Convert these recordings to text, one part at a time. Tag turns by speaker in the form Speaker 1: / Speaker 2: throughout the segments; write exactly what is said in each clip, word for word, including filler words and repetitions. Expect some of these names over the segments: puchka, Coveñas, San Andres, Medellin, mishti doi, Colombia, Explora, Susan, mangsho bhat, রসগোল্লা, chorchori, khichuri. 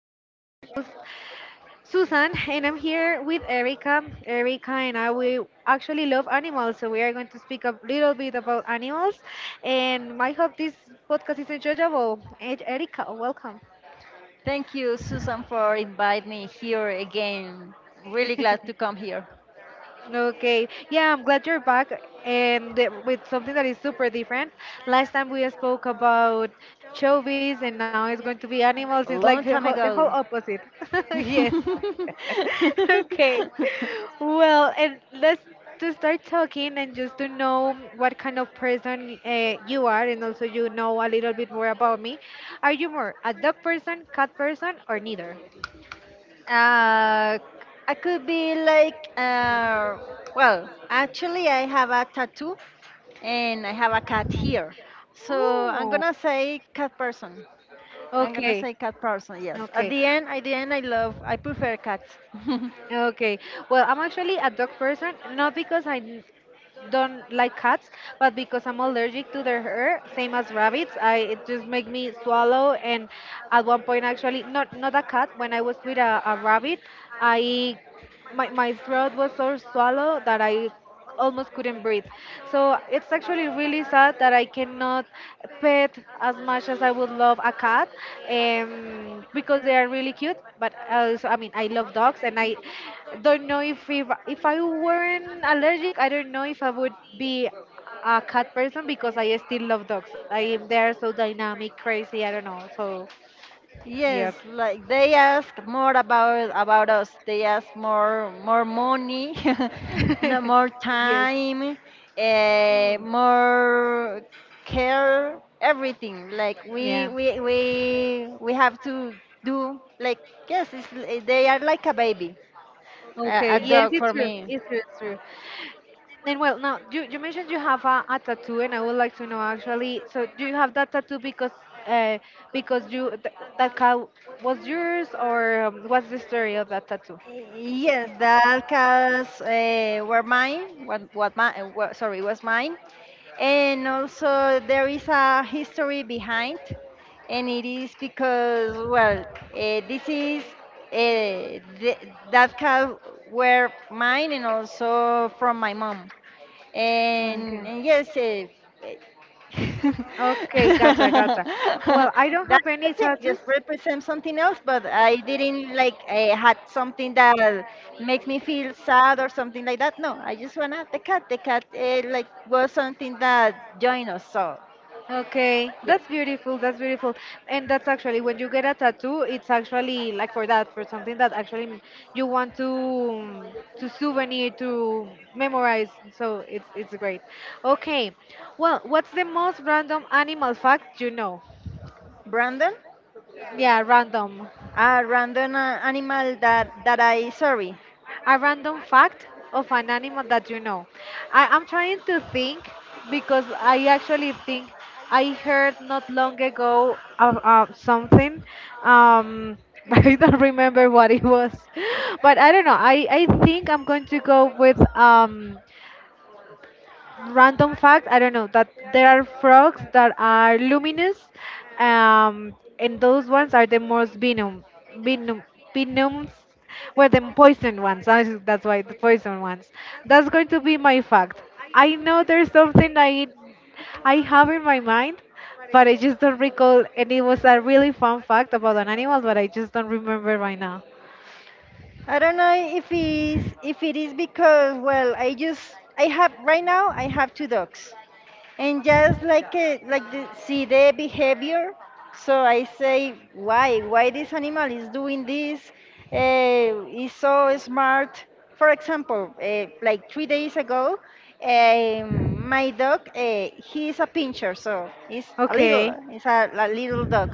Speaker 1: your host, Susan, and I'm here with Erica. Erica and I, we actually love animals, so we are going to speak a little bit about animals. And I hope this podcast is enjoyable. And Erica, welcome.
Speaker 2: Thank you, Susan, for inviting me here again. Really glad to come here
Speaker 1: Okay. Yeah, I'm glad you're back and th- with something that is super different. Last time we spoke about showbiz, and now it's going to be animals. It's like
Speaker 2: long very
Speaker 1: the
Speaker 2: time
Speaker 1: whole, the whole
Speaker 2: different. Ago.
Speaker 1: opposite.
Speaker 2: Well,
Speaker 1: Yes.
Speaker 2: and let's to
Speaker 1: Okay.
Speaker 2: start
Speaker 1: Well, and let's to start talking and just to know what kind of person uh, you are, and also you know a little bit more about me. Are you more a dog person, cat person, or neither?
Speaker 2: uh, I could be like, uh, well, actually, I have a tattoo and I have a cat here. So I'm
Speaker 1: Ooh.
Speaker 2: gonna say cat person. I'm gonna
Speaker 1: Okay.
Speaker 2: say cat person, yes. At
Speaker 1: Okay.
Speaker 2: the end, at the end, I love, I prefer cats.
Speaker 1: Okay. Well, I'm actually a dog person, not because I n- don't like cats, but because I'm allergic to their hair, same as rabbits. I it just make me swallow, and at one point actually not not a cat, when I was with a, a rabbit, I my, my throat was so swallow that I almost couldn't breathe. So it's actually really sad that I cannot pet as much as I would love a cat, um, because they are really cute. But also, I mean, I love dogs, and I don't know if, if if I weren't allergic, I don't know if I would be a cat person because I still love dogs. I am they are so dynamic, crazy. I don't know. So, yeah.
Speaker 2: Yes, like they ask more about about us. They ask more more money, no more
Speaker 1: Yes.
Speaker 2: time, uh,
Speaker 1: Mm,
Speaker 2: more care, everything. Like we
Speaker 1: yeah.
Speaker 2: we we we have to do like yes, it's, l- they are like a baby, a,
Speaker 1: Okay,
Speaker 2: a
Speaker 1: yes,
Speaker 2: dog
Speaker 1: it's
Speaker 2: for
Speaker 1: true.
Speaker 2: me.
Speaker 1: It's true, it's true. And well, now you, you mentioned you have a, a tattoo, and I would like to know actually. So, do you have that tattoo because uh, because you th that cow was yours, or um, what's the story of that tattoo?
Speaker 2: Yes, the Alcas uh, were mine. What what my what, sorry was mine, and also there is a history behind, and it is because well uh, this is uh, th- that cow were mine and also from my mom, and uh,
Speaker 1: Okay.
Speaker 2: yes, uh, uh,
Speaker 1: Okay, gotcha, gotcha. Well,
Speaker 2: that,
Speaker 1: I don't have any
Speaker 2: that's it.
Speaker 1: tattoos.
Speaker 2: Just represent something else, but I didn't like uh, had something that makes me feel sad or something like that. No, I just wanna the cat. The cat uh, like was something that joined us. So
Speaker 1: Okay,
Speaker 2: yes,
Speaker 1: that's beautiful. That's beautiful. And that's actually when you get a tattoo, it's actually like for that, for something that actually you want to um, to souvenir, to memorize. So it's it's great. Okay. Well, what's the most random animal fact you know?
Speaker 2: Brandon,
Speaker 1: Yeah, random.
Speaker 2: a random uh, animal that that I sorry.
Speaker 1: A random fact of an animal that you know. I am trying to think because I actually think I heard not long ago of uh, something. Um, but I don't remember what it was, but I don't know. I I think I'm going to go with um random fact. I don't know that there are frogs that are luminous, um and those ones are the most venom venom venoms, were the poison ones. I think that's why, the poison ones. That's going to be my fact. I know there's something. I i have in my mind, but I just don't recall, and it was a really fun fact about an animal, but I just don't remember right now.
Speaker 2: I don't know if it's if it is because well I just I have right now I have two dogs and just like a, like the, see the behavior, so I say why why this animal is doing this, uh, is so smart. For example, uh, like three days ago, um, my dog, uh, he is a pincher, so he's a little,
Speaker 1: Okay.
Speaker 2: he's a, a little dog.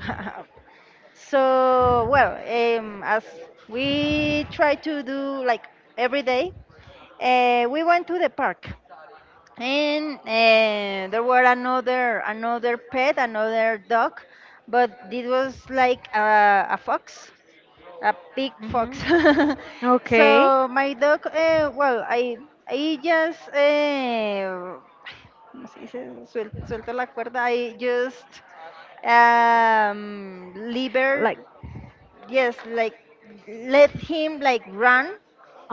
Speaker 2: So well, um, as we try to do like every day, uh, we went to the park, and uh, there were another another pet, another dog, but this was like a, a fox, a big
Speaker 1: Hmm.
Speaker 2: fox.
Speaker 1: Okay.
Speaker 2: So my dog, uh, well, i i just uh, ¿cómo se dice? Suel- suelto la cuerda. I just um liber
Speaker 1: Like
Speaker 2: yes like let him like run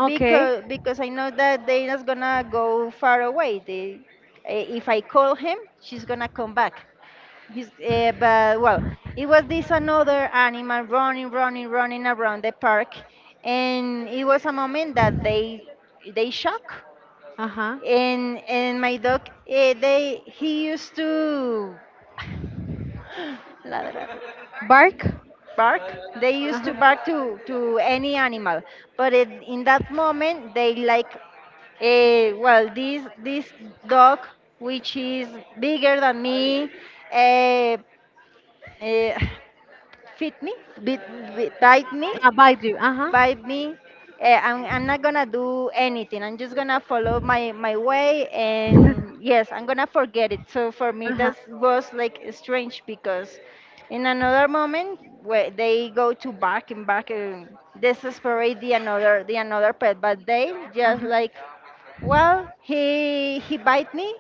Speaker 1: okay.
Speaker 2: because because I know that they're not gonna go far away. They, eh, if I call him, she's gonna come back. He's, uh, but well, it was this another animal running, running, running around the park, and it was a moment that they they shock.
Speaker 1: Uh huh.
Speaker 2: And and my dog, uh, they he used to ladrar,
Speaker 1: Bark.
Speaker 2: bark. They
Speaker 1: Uh
Speaker 2: used to
Speaker 1: huh.
Speaker 2: bark to to any animal, but it, in that moment they like Eh, well, this this dog, which is bigger than me, uh, uh, fit me, bit, bit, bite me,
Speaker 1: Uh, bite you. Uh huh.
Speaker 2: by me. eh, I'm, I'm not gonna do anything. I'm just gonna follow my, my way, and yes, I'm gonna forget it. So for me,
Speaker 1: Uh huh.
Speaker 2: that was like strange because in another moment where they go to bark and bark and desperate the another the another pet, but they
Speaker 1: Uh
Speaker 2: just
Speaker 1: huh.
Speaker 2: like, well, he he bite me,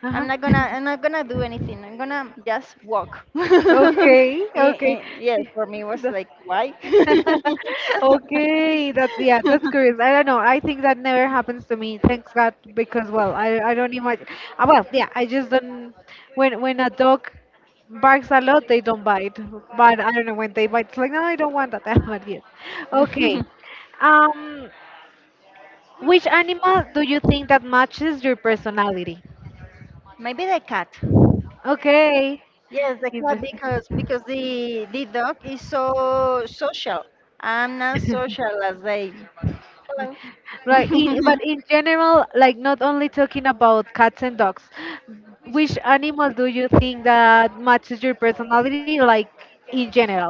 Speaker 1: Uh huh.
Speaker 2: I'm not gonna I'm not gonna do anything. I'm gonna just walk.
Speaker 1: okay.
Speaker 2: Eh,
Speaker 1: Okay.
Speaker 2: eh, yes, for me it was like why?
Speaker 1: Okay, that's yeah, that's curious. I don't know. I think that never happens to me. Thanks God, because well, I I don't imagine. Uh, well, yeah, I just don't. When when a dog barks a lot, they don't bite. But I don't know when they bite. It's like no, I don't want that. But yes, okay. Um, which animal do you think that matches your personality?
Speaker 2: Maybe the cat.
Speaker 1: Okay,
Speaker 2: Yes, the cat because
Speaker 1: interesting.
Speaker 2: because the the dog is so social. I'm not social as they. Hello.
Speaker 1: Right, in, but in general, like not only talking about cats and dogs, which animal do you think that matches your personality, like in general?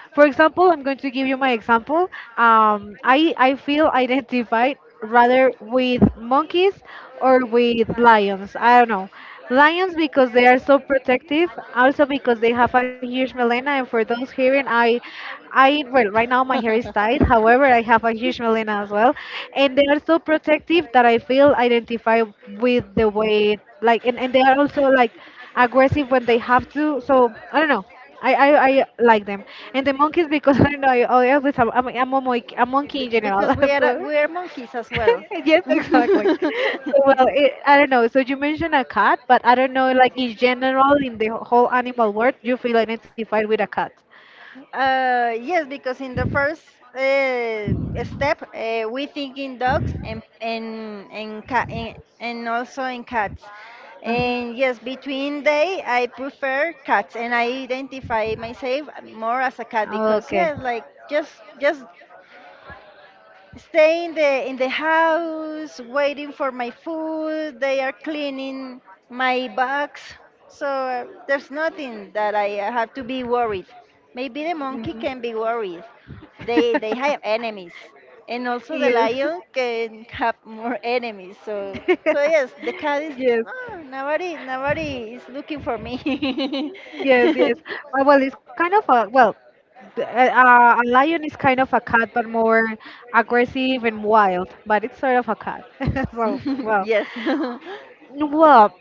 Speaker 1: For example, I'm going to give you my example. Um, I, I feel identified rather with monkeys or with lions. I don't know. Lions because they are so protective, also because they have a huge melena. And for those hearing, I, I well, right now my hair is tied. However, I have a huge melena as well, and they are so protective that I feel identified with the way like, and, and they are also like aggressive when they have to. So I don't know. I, I, I like them. And the monkeys because I don't know. I always have, I'm, I'm a monkey, a monkey, in
Speaker 2: Because
Speaker 1: general.
Speaker 2: we are
Speaker 1: so
Speaker 2: we are monkeys as well.
Speaker 1: yes, exactly. So, well, it, I don't know. So you mentioned a cat, but I don't know. Like in general, in the whole animal world, you feel identified with a cat.
Speaker 2: Uh, yes, because in the first uh, step, uh, we think in dogs and and and, ca- and and also in cats.
Speaker 1: Uh-huh.
Speaker 2: And yes, between they, I prefer cats, and I identify myself more as a cat because
Speaker 1: Okay.
Speaker 2: yes, like just just stay in the in the house waiting for my food. They are cleaning my box, so uh, there's nothing that I uh, have to be worried. Maybe the monkey
Speaker 1: Mhm.
Speaker 2: can be worried. They they have enemies, and also the
Speaker 1: yes.
Speaker 2: lion can have more enemies, so so yes, the cat is,
Speaker 1: yes.
Speaker 2: "Ah, nobody nobody is looking for me."
Speaker 1: Yes, yes. Uh, well, it's kind of a well, th- uh, a lion is kind of a cat, but more aggressive and wild. But it's sort of a cat. So, well,
Speaker 2: yes
Speaker 1: well,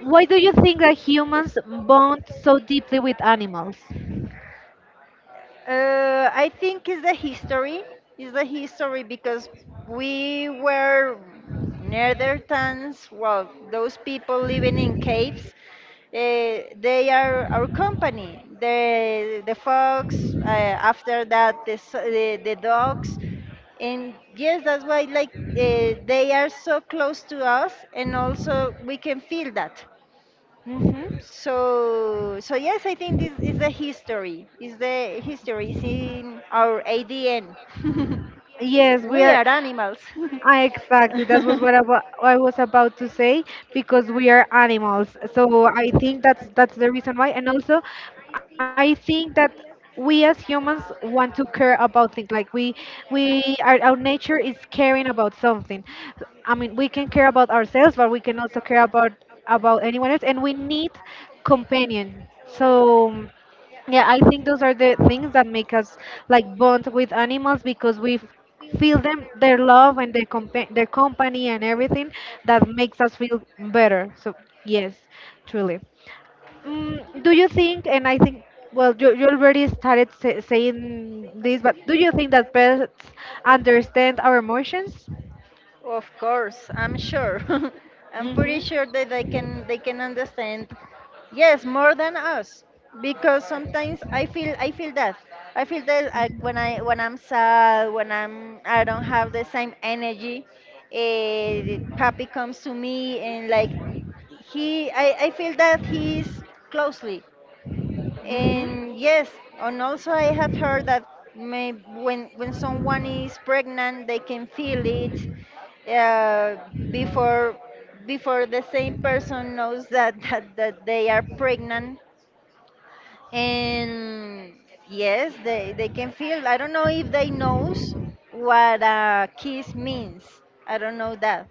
Speaker 1: why do you think that humans bond so deeply with animals?
Speaker 2: Uh, I think it's the history. It's the history because we were Neanderthals. Well, those people living in caves. Uh, they are our company. The the fox. Uh, after that, the, s- the the dogs. And yes, that's why like uh, they are so close to us, and also we can feel that.
Speaker 1: Hmm.
Speaker 2: So, so yes, I think this is the history. Is the history is in our A D N.
Speaker 1: Yes, we
Speaker 2: We
Speaker 1: are.
Speaker 2: are animals.
Speaker 1: Ah, exactly. That was what I, wa- I was about to say because we are animals. So I think that's that's the reason why. And also, I think that we as humans want to care about things. Like we we our, our nature is caring about something. I mean, we can care about ourselves, but we can also care about about anyone else, and we need companion. So. Yeah, I think those are the things that make us like bond with animals because we f- feel them, their love, and their compa- their company, and everything that makes us feel better. So yes, truly. Mm, do you think? And I think well, you, you already started sa- saying this, but do you think that pets understand our emotions?
Speaker 2: Of course, I'm sure. I'm pretty
Speaker 1: Mhm.
Speaker 2: sure that they can they can understand. Yes, more than us, because sometimes I feel I feel that I feel that like when I when I'm sad, when I'm I don't have the same energy. Uh, papi comes to me and like he I, I feel that he is closely,
Speaker 1: Mhm.
Speaker 2: and yes, and also I have heard that may, when when someone is pregnant they can feel it, uh, before before the same person knows that that, that they are pregnant. And yes, they, they can feel. I don't know if they knows what a kiss means. I don't know that,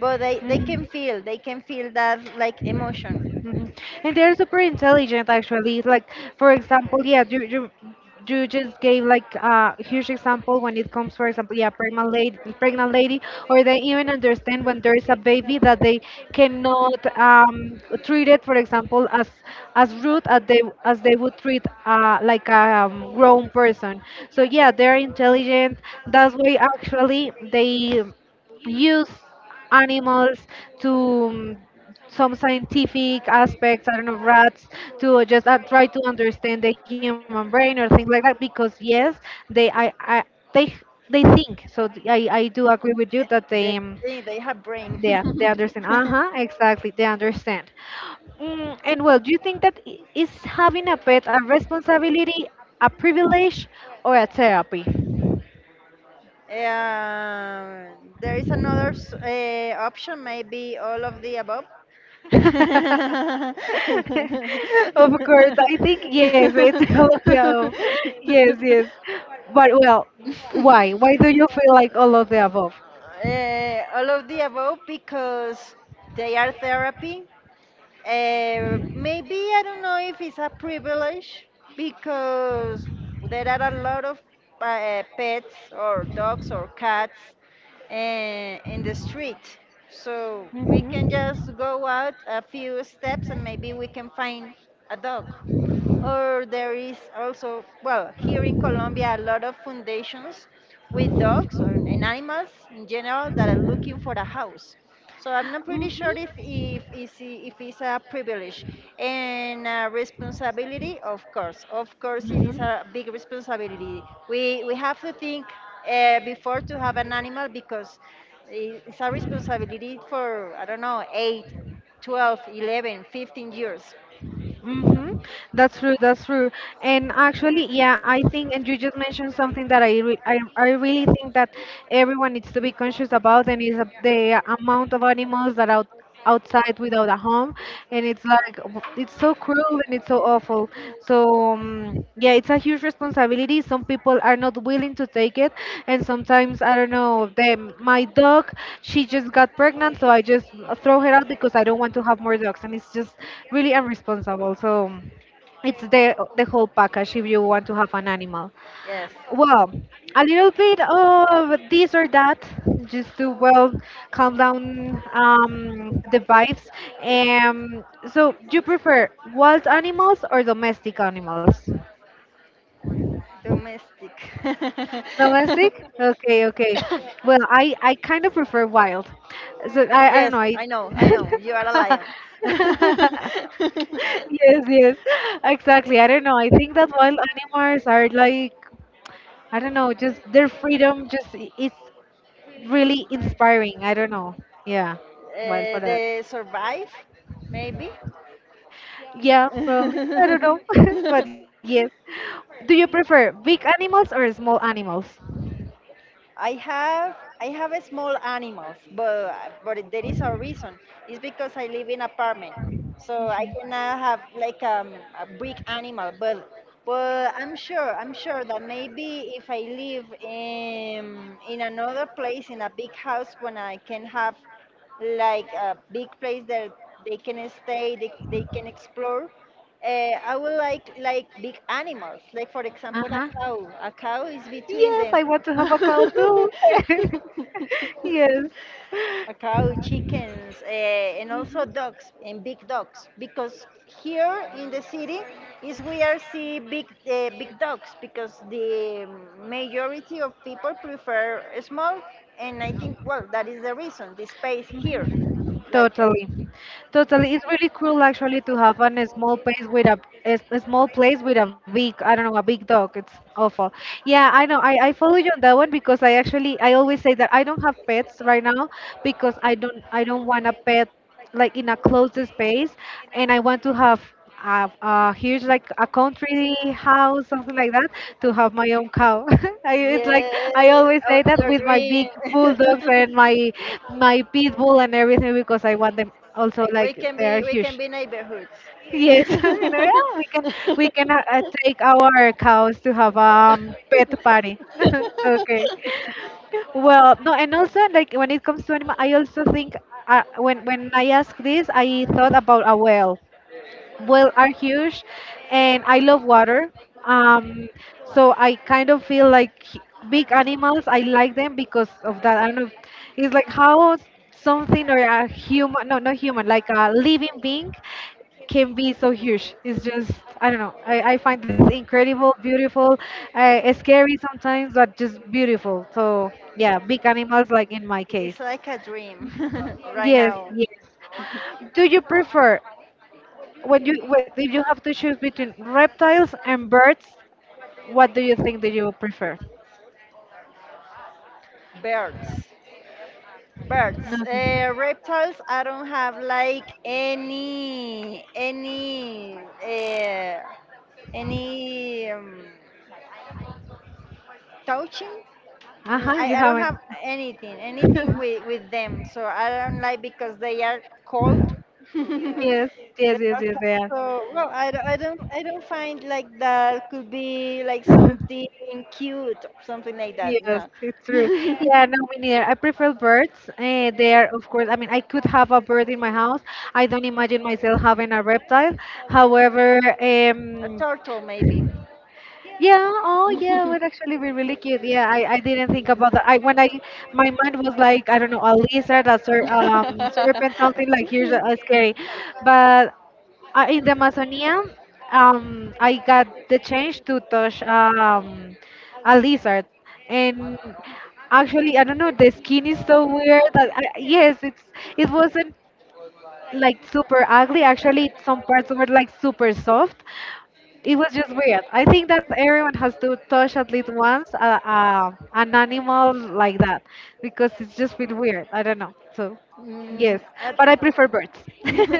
Speaker 2: but they, they
Speaker 1: Mhm.
Speaker 2: can feel. They can feel that like emotion.
Speaker 1: Mhm. And they're super intelligent, actually. Like, for example, yeah, you, you, you just gave like a huge example when it comes, for example, yeah, pregnant lady, pregnant lady, or they even understand when there is a baby that they cannot um, treat it, for example, as as rude as they as they would treat uh, like a um, grown person. So yeah, they're intelligent. That's why actually they use animals to, um, some scientific aspects, I don't know, rats, to just uh, try to understand the human brain or things like that. Because yes, they, I, I, they, they think. So th- I, I do agree with you that they,
Speaker 2: They
Speaker 1: um,
Speaker 2: they they have brain.
Speaker 1: they, they understand. Uh huh, exactly, they understand. Mm, and well, do you think that i- is having a pet a responsibility, a privilege, or a therapy?
Speaker 2: Yeah, there is another s- uh, option, maybe all of the above.
Speaker 1: Of course, I think yes, it's all of the above. Yes, yes. But well, why? Why do you feel like all of the above?
Speaker 2: Uh, all of the above because they are therapy. Uh, maybe I don't know if it's a privilege because there are a lot of uh, pets or dogs or cats uh, in the street. So we can
Speaker 1: Mm-hmm.
Speaker 2: just go out a few steps and maybe we can find a dog, or there is also well here in Colombia a lot of foundations with dogs or, and animals in general that are looking for a house. So I'm not pretty sure if if it's, if it's a privilege. And a responsibility, of course, of course it is
Speaker 1: Mm-hmm.
Speaker 2: a big responsibility. we we have to think uh, before to have an animal because i- it's a responsibility for I don't know eight, twelve, eleven, fifteen years.
Speaker 1: Mm-hmm. That's true. That's true. And actually, yeah, I think, and you just mentioned something that I, re I, I really think that everyone needs to be conscious about, and is uh, the amount of animals that out outside without a home, and it's like w- it's so cruel, and and it's so awful. So um, yeah, it's a huge responsibility. Some people are not willing to take it, and sometimes I don't know. Them, my dog, she just got pregnant, so I just throw her out because I don't want to have more dogs, and it's just really unresponsible. So it's the the whole package if you want to have an animal.
Speaker 2: Yes.
Speaker 1: Well, a little bit of this or that, just to well calm down um, the vibes. Um, so you prefer wild animals or domestic animals?
Speaker 2: Domestic.
Speaker 1: Domestic? Okay, okay. Well, I I kind of prefer wild. So I I don't
Speaker 2: Yes,
Speaker 1: know. I
Speaker 2: I know, I know. You are a lion. uh,
Speaker 1: Yes, yes, exactly. I don't know. I think that wild animals are like, I don't know, just their freedom just i- is really inspiring. I don't know. Yeah, wild for that.
Speaker 2: the survive, maybe.
Speaker 1: Yeah, probably. I don't know, but yes. Do you prefer big animals or small animals?
Speaker 2: I have I have a small animals, but but there is a reason. It's because I live in apartment, so I cannot have like um, a big animal. But but I'm sure I'm sure that maybe if I live in in another place in a big house, when I can have like a big place that they can stay, they, they can explore. Uh, I would like like big animals, like for
Speaker 1: Uh
Speaker 2: example a
Speaker 1: huh.
Speaker 2: cow. A cow is between
Speaker 1: Yes,
Speaker 2: them.
Speaker 1: I want to have a cow too. yes.
Speaker 2: A cow, chickens, uh, and also dogs and big dogs because here in the city is we are see big uh, big dogs because the majority of people prefer small, and I think well that is the reason, the space here like uh,
Speaker 1: Totally, totally. It's really cruel actually to have an, a small place with a, a s- a small place with a big, I don't know, a big dog. It's awful. Yeah, I know. I, I follow you on that one because I actually I always say that I don't have pets right now because I don't I don't want a pet like in a closed space, and I want to have a, a huge, like a country house, something like that, to have my own cow. I, it's
Speaker 2: yeah.
Speaker 1: like I always
Speaker 2: Our,
Speaker 1: say that
Speaker 2: your
Speaker 1: with my
Speaker 2: dream.
Speaker 1: big bulldogs and my my pit bull and everything because I want them also
Speaker 2: we we
Speaker 1: like
Speaker 2: can
Speaker 1: they are
Speaker 2: be we can
Speaker 1: huge.
Speaker 2: be
Speaker 1: Yes,
Speaker 2: neighborhoods.
Speaker 1: you know, yeah, we can we can uh, uh, take our cows to have a um, pet party. Okay. Well, no, and also like when it comes to animal, I also think uh, when when I ask this, I thought about a whale well are huge, and I love water. um so I kind of feel like h- big animals, I like them because of that. I don't know. It's like how something or a human, no, not human, like a living being can be so huge. It's just, I don't know, i, I find it incredible beautiful, uh, scary sometimes, but just beautiful. So yeah, big animals, like in my
Speaker 2: It's
Speaker 1: case.
Speaker 2: like a dream right
Speaker 1: Yes,
Speaker 2: now.
Speaker 1: yes. Do you prefer when you when, if you have to choose between reptiles and birds, what do you think that you prefer?
Speaker 2: Birds. Birds. Uh,
Speaker 1: Nothing.
Speaker 2: reptiles, I don't have like any, any, uh, any um, touching.
Speaker 1: Uh
Speaker 2: Mm,
Speaker 1: huh.
Speaker 2: I,
Speaker 1: You
Speaker 2: I don't
Speaker 1: haven't.
Speaker 2: have anything, anything with, with them. So I don't like because they are cold.
Speaker 1: yes. Yes.
Speaker 2: They
Speaker 1: Yes.
Speaker 2: are
Speaker 1: Yes.
Speaker 2: cold.
Speaker 1: They are.
Speaker 2: So well, I, don't- I don't I don't find like that could be like something cute or something like that.
Speaker 1: Yes,
Speaker 2: No,
Speaker 1: it's true. Yeah, no, me neither. I prefer birds. Uh, they are, of course, I mean, I could have a bird in my house. I don't imagine myself having a reptile. However,
Speaker 2: a
Speaker 1: um,
Speaker 2: turtle maybe.
Speaker 1: yeah, oh yeah, would actually be really cute. Yeah, I, I didn't think about that. I, when I, my mind was like, I don't know, a lizard, a ser um serpent, something like here's uh, scary, but uh, in the Amazonia, um, I got the chance to touch um a lizard, and actually, I don't know, the skin is so weird that I, yes, it's, it wasn't like super ugly. Actually, some parts were like super soft. It was just weird. I think that everyone has to touch at least once a, a, an animal like that because it's just feel weird. I don't know. So,
Speaker 2: Mm,
Speaker 1: yes, but I prefer
Speaker 2: I,
Speaker 1: birds.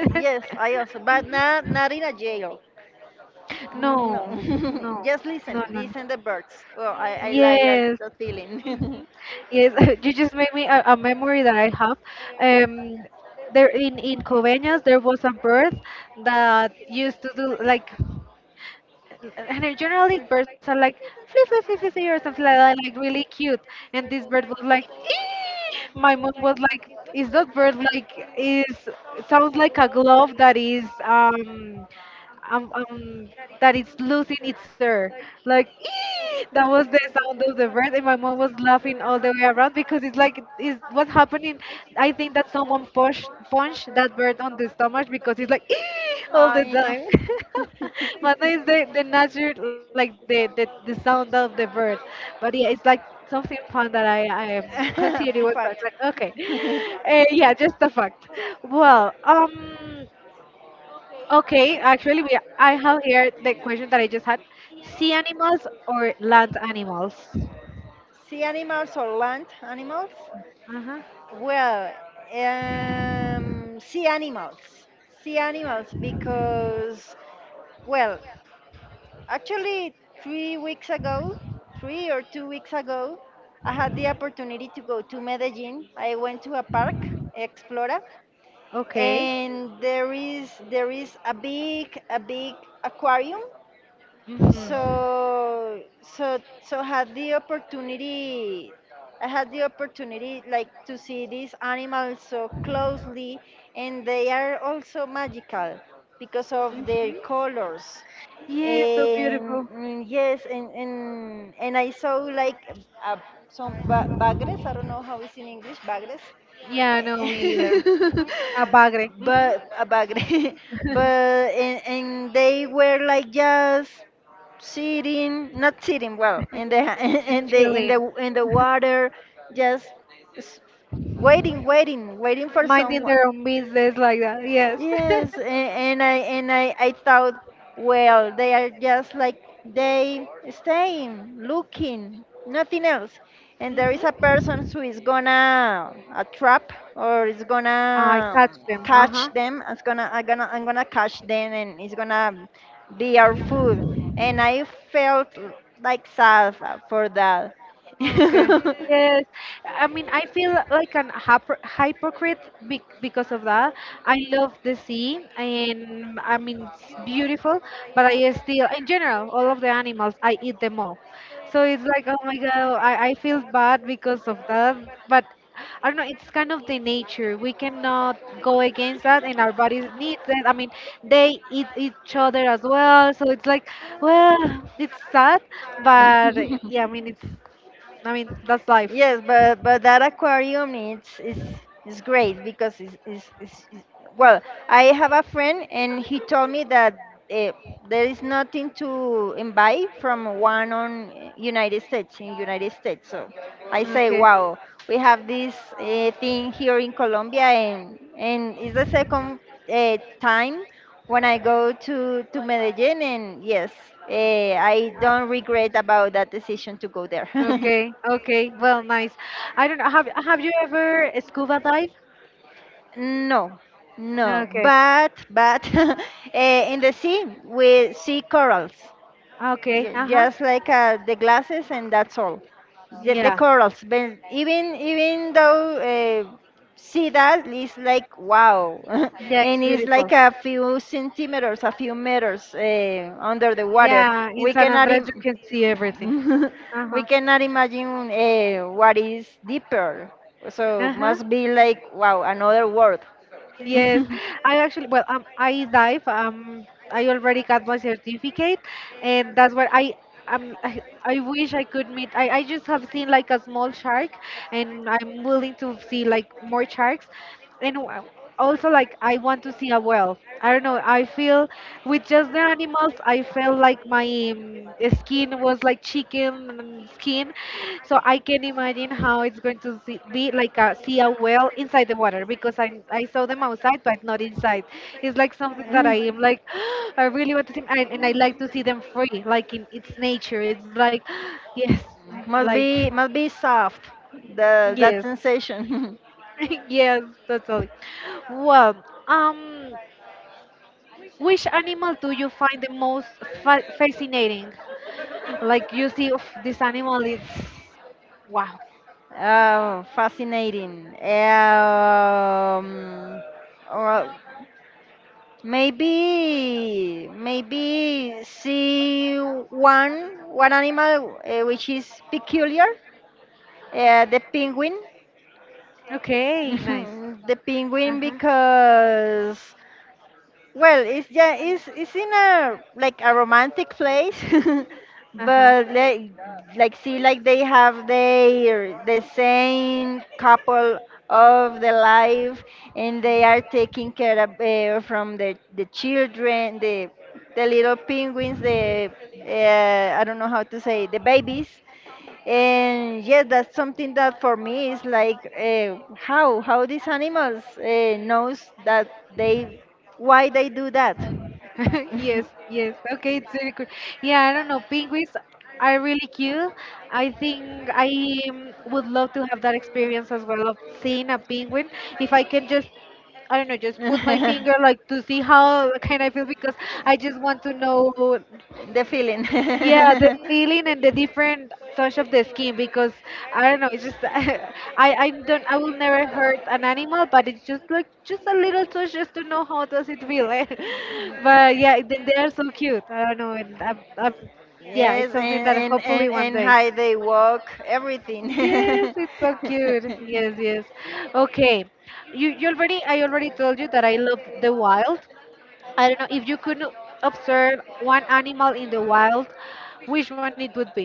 Speaker 2: yes, I also, but not not in a jail.
Speaker 1: no,
Speaker 2: Mm, No,
Speaker 1: no,
Speaker 2: just
Speaker 1: no,
Speaker 2: listen,
Speaker 1: no, no.
Speaker 2: listen the birds. Well, I, I like that,
Speaker 1: Yes.
Speaker 2: that
Speaker 1: Mhm.
Speaker 2: feeling.
Speaker 1: Yes, you just made me a, a memory that I have. Um, there in in Coveñas, there was a bird that used to do like, and then generally birds are like "flip flip flip flip flip," or something like that, like really cute. And this bird was like, "Ee!" My mom was like, is that bird like, is, sounds like a glove that is um um, um that it's losing its air, like "Ee!" That was the sound of the bird, and my mom was laughing all the way around because it's like, is, what's happening. I think that someone pushed punched that bird on the stomach because it's like "Ee!" all the
Speaker 2: I
Speaker 1: time.
Speaker 2: know.
Speaker 1: But it's the, the nature, like the, the, the sound of the birds. But yeah, it's like something fun that I, I um, considered it was
Speaker 2: Fun
Speaker 1: like, like
Speaker 2: fact.
Speaker 1: okay. Uh, yeah, just a fact. Well, um, okay, actually, we I have here the question that I just had. Sea animals or land animals?
Speaker 2: Sea animals or land animals?
Speaker 1: Uh-huh.
Speaker 2: Well, um, sea animals. Sea animals because, well, actually, three weeks ago, three or two weeks ago, I had the opportunity to go to Medellin. I went to a park, Explora,
Speaker 1: Okay.
Speaker 2: and there is there is a big a big aquarium,
Speaker 1: Mm-hmm.
Speaker 2: so, so, so had the opportunity. I had the opportunity, like, to see these animals so closely, and they are also magical because of their colors.
Speaker 1: Yeah, so
Speaker 2: And
Speaker 1: beautiful.
Speaker 2: mm, yes, and and, and I saw like uh, some ba- bagres. I don't know how it's in English, bagres.
Speaker 1: Yeah, no, me either.
Speaker 2: Eh,
Speaker 1: A bagre. Mm-hmm.
Speaker 2: but a bagre, but and, and they were like just sitting, not sitting, well in the
Speaker 1: It's
Speaker 2: in the in
Speaker 1: chilling.
Speaker 2: the in the water, just s- waiting, waiting, waiting for
Speaker 1: Minding
Speaker 2: someone.
Speaker 1: their own business like that. Yes.
Speaker 2: Yes, a- and I and I, I thought, well, they are just like they staying, looking, nothing else. And there is a
Speaker 1: hmm.
Speaker 2: person who is gonna a trap or is
Speaker 1: I
Speaker 2: gonna
Speaker 1: catch
Speaker 2: um,
Speaker 1: them. Uh
Speaker 2: catch
Speaker 1: huh.
Speaker 2: them. It's gonna I'm gonna I'm gonna catch them, and it's gonna be our food. And I felt like sad uh, for that.
Speaker 1: Okay. Yes. I mean, I feel like an hyper hypocrite be because of that. I love the sea, and I mean, it's beautiful, but I still, in general, all of the animals, I eat them all. So it's like, oh my God, I, I feel bad because of that. But I don't know, it's kind of the nature. We cannot go against that, and our bodies need that. I mean, they eat each other as well. So it's like, well, it's sad, but yeah, I mean, it's. I mean, that's life.
Speaker 2: Yes, but but that aquarium it's is is great because it's, it's, it's, it's, well, I have a friend and he told me that uh, there is nothing to buy from one on uh, United States, in United States. So I say,
Speaker 1: Okay,
Speaker 2: wow, we have this uh, thing here in Colombia, and and it's the second uh, time when I go to to Medellin, and yes, uh, I don't regret about that decision to go there.
Speaker 1: okay, okay. Well, nice. I don't know. Have Have you ever scuba dive?
Speaker 2: No, no,
Speaker 1: Okay,
Speaker 2: but but uh, in the sea we see corals,
Speaker 1: okay.
Speaker 2: Ye-
Speaker 1: Uh huh.
Speaker 2: just like uh, the glasses, and that's all. Ye- The
Speaker 1: Yeah,
Speaker 2: corals, but even even though uh, see that it's like wow,
Speaker 1: yeah. It's
Speaker 2: and it's
Speaker 1: beautiful.
Speaker 2: like a few centimeters, a few meters uh, under the water.
Speaker 1: Yeah, in
Speaker 2: We
Speaker 1: San
Speaker 2: cannot
Speaker 1: Andres you
Speaker 2: Im-
Speaker 1: can see everything. Uh huh.
Speaker 2: we cannot imagine uh, what is deeper. So
Speaker 1: Uh huh.
Speaker 2: must be like wow, another world.
Speaker 1: Yes, I actually, well, um, I dive. Um, I already got my certificate, and that's where I um, I, I wish I could meet. I, I just have seen like a small shark, and I'm willing to see like more sharks, and w- also like I want to see a whale. I don't know. I feel with just the animals, I I felt like my um, skin was like chicken skin. So I can imagine how it's going to see, be like a see a whale inside the water because I I saw them outside but not inside. It's like something that
Speaker 2: Mm.
Speaker 1: I am like, I really want to see, and, and I like to see them free like in its nature. It's like yes,
Speaker 2: it's Must
Speaker 1: like
Speaker 2: be must be soft. The
Speaker 1: yes.
Speaker 2: That sensation.
Speaker 1: yes, totally. Well, um which animal do you find the most fa- fascinating? Like you see, "Oof, this animal is wow."
Speaker 2: Oh, fascinating. Um, well, Maybe, maybe see one one animal uh, which is peculiar, uh, the penguin.
Speaker 1: Okay, nice.
Speaker 2: The
Speaker 1: Uh
Speaker 2: penguin
Speaker 1: huh.
Speaker 2: because well, it's yeah, it's it's in a like a romantic place,
Speaker 1: Uh huh.
Speaker 2: but like like see like they have their the same couple of the life, and they are taking care of uh, from the the children, the the little penguins, the uh, I don't know how to say the babies, and yes, that's something that for me is like uh, how how these animals uh, knows that they why they do that.
Speaker 1: yes, yes. Okay, it's very cool. Yeah, I don't know. Penguins are really cute. I think I um, would love to have that experience as well of seeing a penguin. If I can just, I don't know, just put my finger
Speaker 2: The
Speaker 1: like to see how can I feel, because I just want to know.
Speaker 2: feeling.
Speaker 1: Yeah, the feeling and the different touch of the skin because I don't know, it's just, I I don't, I will never hurt an animal, but it's just like just a little touch just to know how does it feel. Eh?
Speaker 2: Mm,
Speaker 1: But yeah, they they are so cute. I don't know, and I, I, yeah,
Speaker 2: yes,
Speaker 1: it's
Speaker 2: and
Speaker 1: something that
Speaker 2: and
Speaker 1: hopefully
Speaker 2: and
Speaker 1: one
Speaker 2: and
Speaker 1: day.
Speaker 2: how they walk, everything.
Speaker 1: Yes, it's so cute. Yes, yes. Okay, you you already, I already told you that I love the wild. I don't know if you could observe one animal in the wild, which one it would be?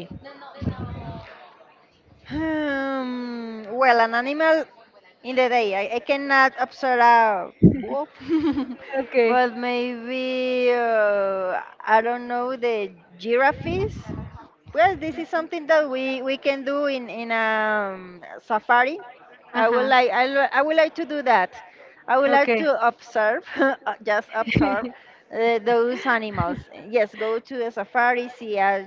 Speaker 2: Hmm, well, an animal in the day. I, I cannot observe a wolf,
Speaker 1: Okay.
Speaker 2: but maybe uh, I don't know the giraffes. Well, this is something that we, we can do in in um, Safari. I would
Speaker 1: Ajá.
Speaker 2: like I, lo- I would like to do that. I would like
Speaker 1: Okay.
Speaker 2: to observe, uh, just observe uh, those animals. Yes, go to a safari, see a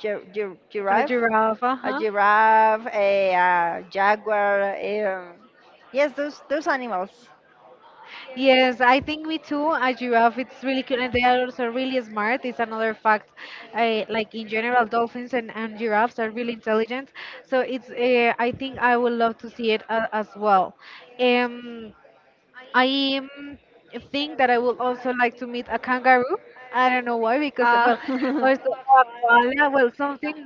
Speaker 2: gi- gi-
Speaker 1: A
Speaker 2: giraffe,
Speaker 1: giraffe,
Speaker 2: a
Speaker 1: uh-huh.
Speaker 2: giraffe, a, uh jaguar. um, yes, those those animals.
Speaker 1: Yes, I think me too. A giraffe, it's really cute, and they are also really smart. It's another fact. Uh, like in general, dolphins and, and giraffes are really intelligent. So it's. Uh, I think I would love to see it uh, as well. Um, I um, think that I would also like to meet a kangaroo. I don't know why, because,
Speaker 2: Ah.
Speaker 1: well, also a koala, well, something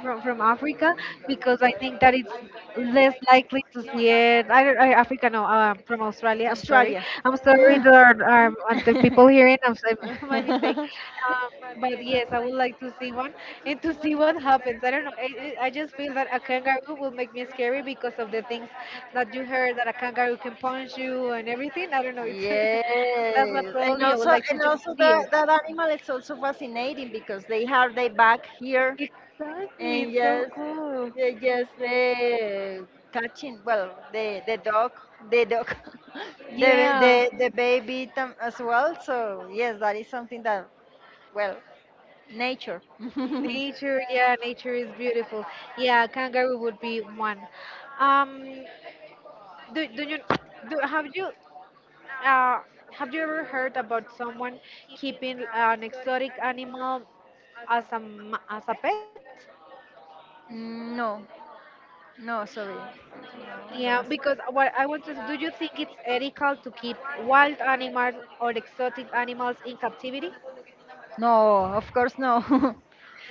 Speaker 1: from, from Africa, because I think that it's less likely to see it. I don't, I, Africa, no, uh, from Australia. I'm sorry.
Speaker 2: Australia.
Speaker 1: I'm sorry
Speaker 2: Mm.
Speaker 1: that um, what the people hearing. I'm sorry,
Speaker 2: Or
Speaker 1: my mistake.
Speaker 2: um,
Speaker 1: Um, but yes, I would like to see one and to see what happens. I don't know. It, it, I just feel that a kangaroo will make me scary because of the things that you heard that a kangaroo can punch you and everything. I don't know. It's,
Speaker 2: yes,
Speaker 1: that's what
Speaker 2: and
Speaker 1: probably I would
Speaker 2: also
Speaker 1: like to
Speaker 2: and
Speaker 1: just
Speaker 2: also
Speaker 1: see it.
Speaker 2: that that animal is also fascinating because they have their back here
Speaker 1: Exactly. It's
Speaker 2: and
Speaker 1: so
Speaker 2: just
Speaker 1: cool.
Speaker 2: they just uh, catching well the the dog the dog the
Speaker 1: Yeah,
Speaker 2: the the baby tam- as well. So yes, that is something that well nature.
Speaker 1: nature. Yeah, nature is beautiful. Yeah, kangaroo would be one. Um, do do you do have you, Uh, have you ever heard about someone keeping an exotic animal as a m- as a pet?
Speaker 2: Mm, no, no, sorry.
Speaker 1: Yeah,
Speaker 2: No,
Speaker 1: because what I want to, do you think it's ethical to keep wild animals or exotic animals in captivity?
Speaker 2: no. No, of course no.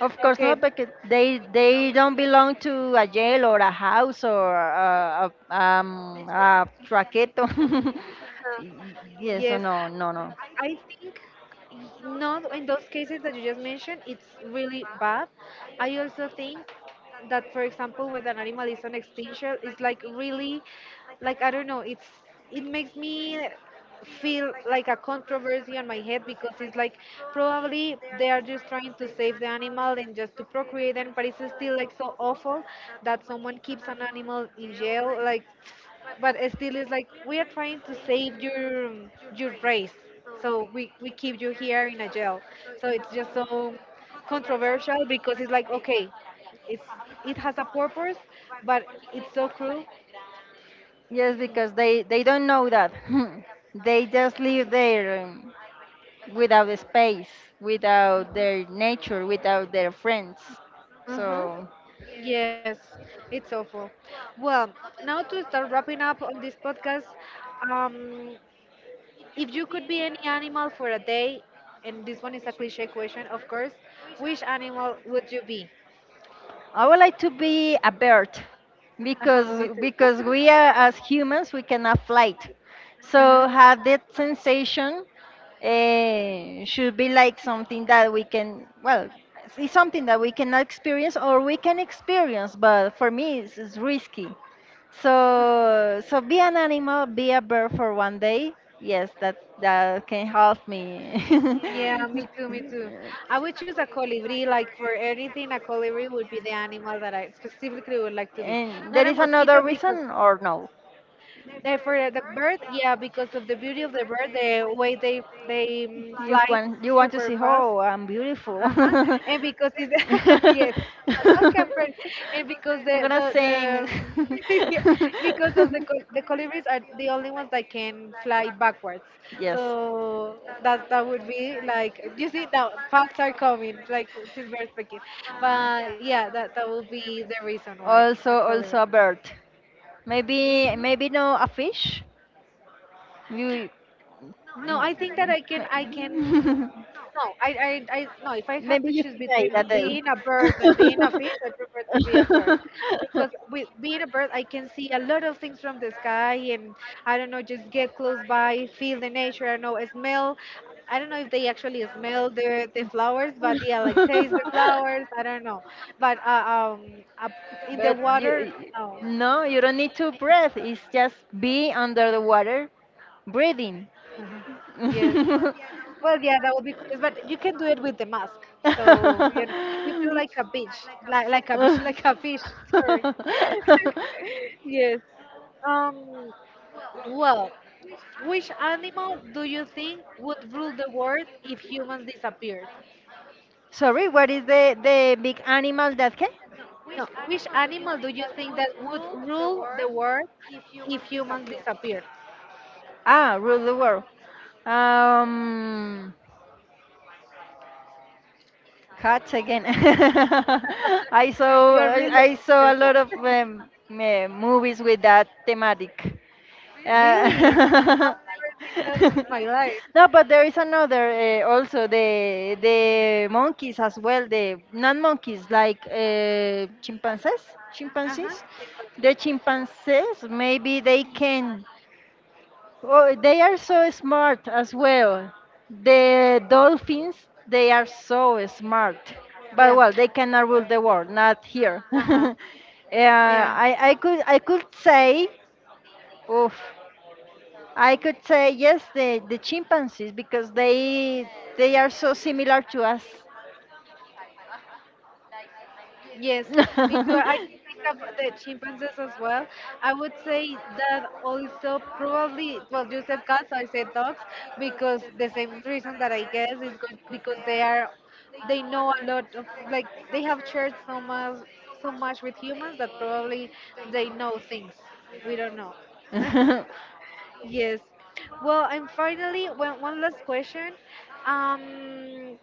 Speaker 2: Of course
Speaker 1: Okay,
Speaker 2: not, because they they don't belong to a jail or a house or a, a, um, a traqueto. Y- yes, so
Speaker 1: yes.
Speaker 2: no, no, no.
Speaker 1: I think y- not in those cases that you just mentioned, it's really bad. I also think that, for example, when an animal is on extinction, it's like really, like I don't know, it's, it makes me feel like a controversy on my head because it's like probably they are just trying to save the animal and just to procreate them, but it's still like so awful that someone keeps an animal in jail, like, but it still is like, we are trying to save your your race, so we we keep you here in a jail, so it's just so controversial because it's like, okay, it's, it has a purpose, but it's so cruel.
Speaker 2: Yes, because they they don't know that. They just live there. Um, without the space, without their nature, without their friends. So
Speaker 1: Uh-huh. Yes, it's awful. Well, now to start wrapping up on this podcast, um if you could be any animal for a day, and this one is a cliche question, of course, which animal would you be?
Speaker 2: I would like to be a bird
Speaker 1: Uh-huh, me
Speaker 2: because
Speaker 1: too.
Speaker 2: because we are as humans we cannot fly.
Speaker 1: Uh-huh.
Speaker 2: So have that sensation uh, should be like something that we can well it's something that we cannot experience or we can experience but for me it's, it's risky. So, so be an animal, be a bird for one day. Yes, that that can help me.
Speaker 1: Yeah, me too, me too. I would choose a colibri. Like for anything, a colibri would be the animal that I specifically would like to be.
Speaker 2: And
Speaker 1: Not
Speaker 2: there
Speaker 1: a
Speaker 2: is
Speaker 1: mosquito
Speaker 2: another
Speaker 1: because
Speaker 2: reason or no?
Speaker 1: uh, for the bird, yeah, because of the beauty of the bird, the way they they mm, fly
Speaker 2: want You want to
Speaker 1: super
Speaker 2: see?
Speaker 1: fast.
Speaker 2: Oh, I'm beautiful.
Speaker 1: Uh-huh. And because it's, yes, like how can am. And because the the the
Speaker 2: Sing. because
Speaker 1: um, yeah,
Speaker 2: because the,
Speaker 1: because
Speaker 2: the,
Speaker 1: of the col the colibris are the only ones that can fly backwards.
Speaker 2: backwards.
Speaker 1: So that that would be like, you see, now facts are coming like since we're speaking. But yeah, that that would be the reason
Speaker 2: Why.
Speaker 1: why a
Speaker 2: Also,
Speaker 1: colibri.
Speaker 2: also a bird. Maybe maybe no a fish. You
Speaker 1: No, I think that I can I
Speaker 2: may-
Speaker 1: can no, I, I, I no, if I have
Speaker 2: maybe
Speaker 1: to
Speaker 2: you
Speaker 1: choose
Speaker 2: can try that
Speaker 1: between
Speaker 2: day.
Speaker 1: being a bird and being a fish, I prefer to be a bird. Because with being a bird I can see a lot of things from the sky, and I don't know, just get close by, feel the nature, I don't know, smell, I don't know if they actually smell the, the flowers, but yeah, like taste the flowers. I don't know, but uh, um, up in the
Speaker 2: But
Speaker 1: water,
Speaker 2: you
Speaker 1: no.
Speaker 2: no, you don't need to breathe. It's just be under the water breathing.
Speaker 1: Uh-huh. Yes. Well, yeah, that would be curious, but you can do it with the mask. So, you know, you feel like a bitch, like like a bitch, like a fish. Sorry. Yes. Um. Well, which animal do you think would rule the world if humans disappeared?
Speaker 2: Sorry, what is the the big animal that can
Speaker 1: No, which animal do you think that would rule the world if humans disappeared?
Speaker 2: ah rule the world? Um, cats again. I saw
Speaker 1: You're really
Speaker 2: I, I
Speaker 1: a good
Speaker 2: saw a
Speaker 1: person.
Speaker 2: lot of um, eh, movies with that thematic.
Speaker 1: Really? I have
Speaker 2: Uh,
Speaker 1: never seen that in my life.
Speaker 2: no, but there is another uh, also the the monkeys as well. The not monkeys like uh, chimpanzees,
Speaker 1: Uh-huh.
Speaker 2: chimpanzees. The
Speaker 1: Chimpanzees.
Speaker 2: chimpanzees maybe they can. Oh, they are so smart as well. The dolphins, they are so smart. But
Speaker 1: Yeah.
Speaker 2: well, they cannot rule the world, not here.
Speaker 1: Uh-huh.
Speaker 2: uh,
Speaker 1: Yeah.
Speaker 2: I, I could I could say, oof, I could say yes, the, the chimpanzees because they they are so similar to us.
Speaker 1: Yes. Me too. I think of the chimpanzees as well. I would say that also probably, well, you said cats, I said dogs, because the same reason that I guess is good because they are, they know a lot of, like, they have shared so much, so much with humans that probably they know things we don't know. Yes. Well, and finally, one, one last question. Um,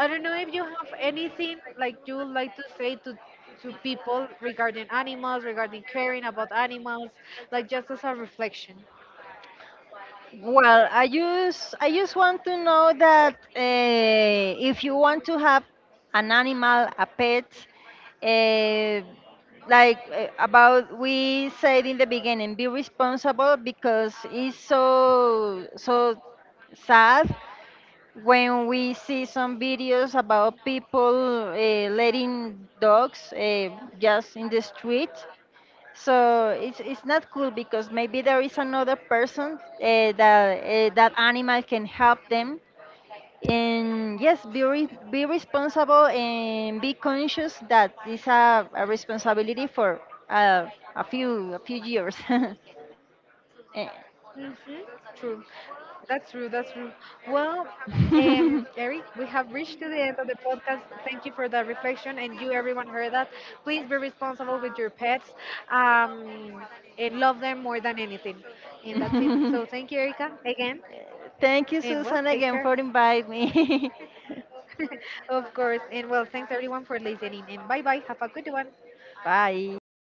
Speaker 1: I don't know if you have anything like you would like to say to to people regarding animals, regarding caring about animals, like just as a reflection.
Speaker 2: Well, I just I just want to know that uh, if you want to have an animal, a pet, uh, like uh, about we said in the beginning, be responsible because it's so so sad when we see some videos about people uh, letting dogs uh, just in the street, so it's it's not cool because maybe there is another person uh, that uh, that animal can help them. And yes, be re- be responsible and be conscious that it's a, a responsibility for uh, a few a few years.
Speaker 1: Mm-hmm.
Speaker 2: Eh.
Speaker 1: True. That's true. That's true. Well, um, Eric, we have reached to the end of the podcast. Thank you for that reflection, and you, everyone, heard that. Please be responsible with your pets, um, and love them more than anything. And that's it. So
Speaker 2: Them
Speaker 1: thank
Speaker 2: more
Speaker 1: you,
Speaker 2: than
Speaker 1: Erica,
Speaker 2: anyone.
Speaker 1: again, and well,
Speaker 2: Thank
Speaker 1: take
Speaker 2: you,
Speaker 1: care.
Speaker 2: Susan, again for inviting me.
Speaker 1: Of course. And well, thanks everyone for listening. And bye bye. Have a good one.
Speaker 2: Bye.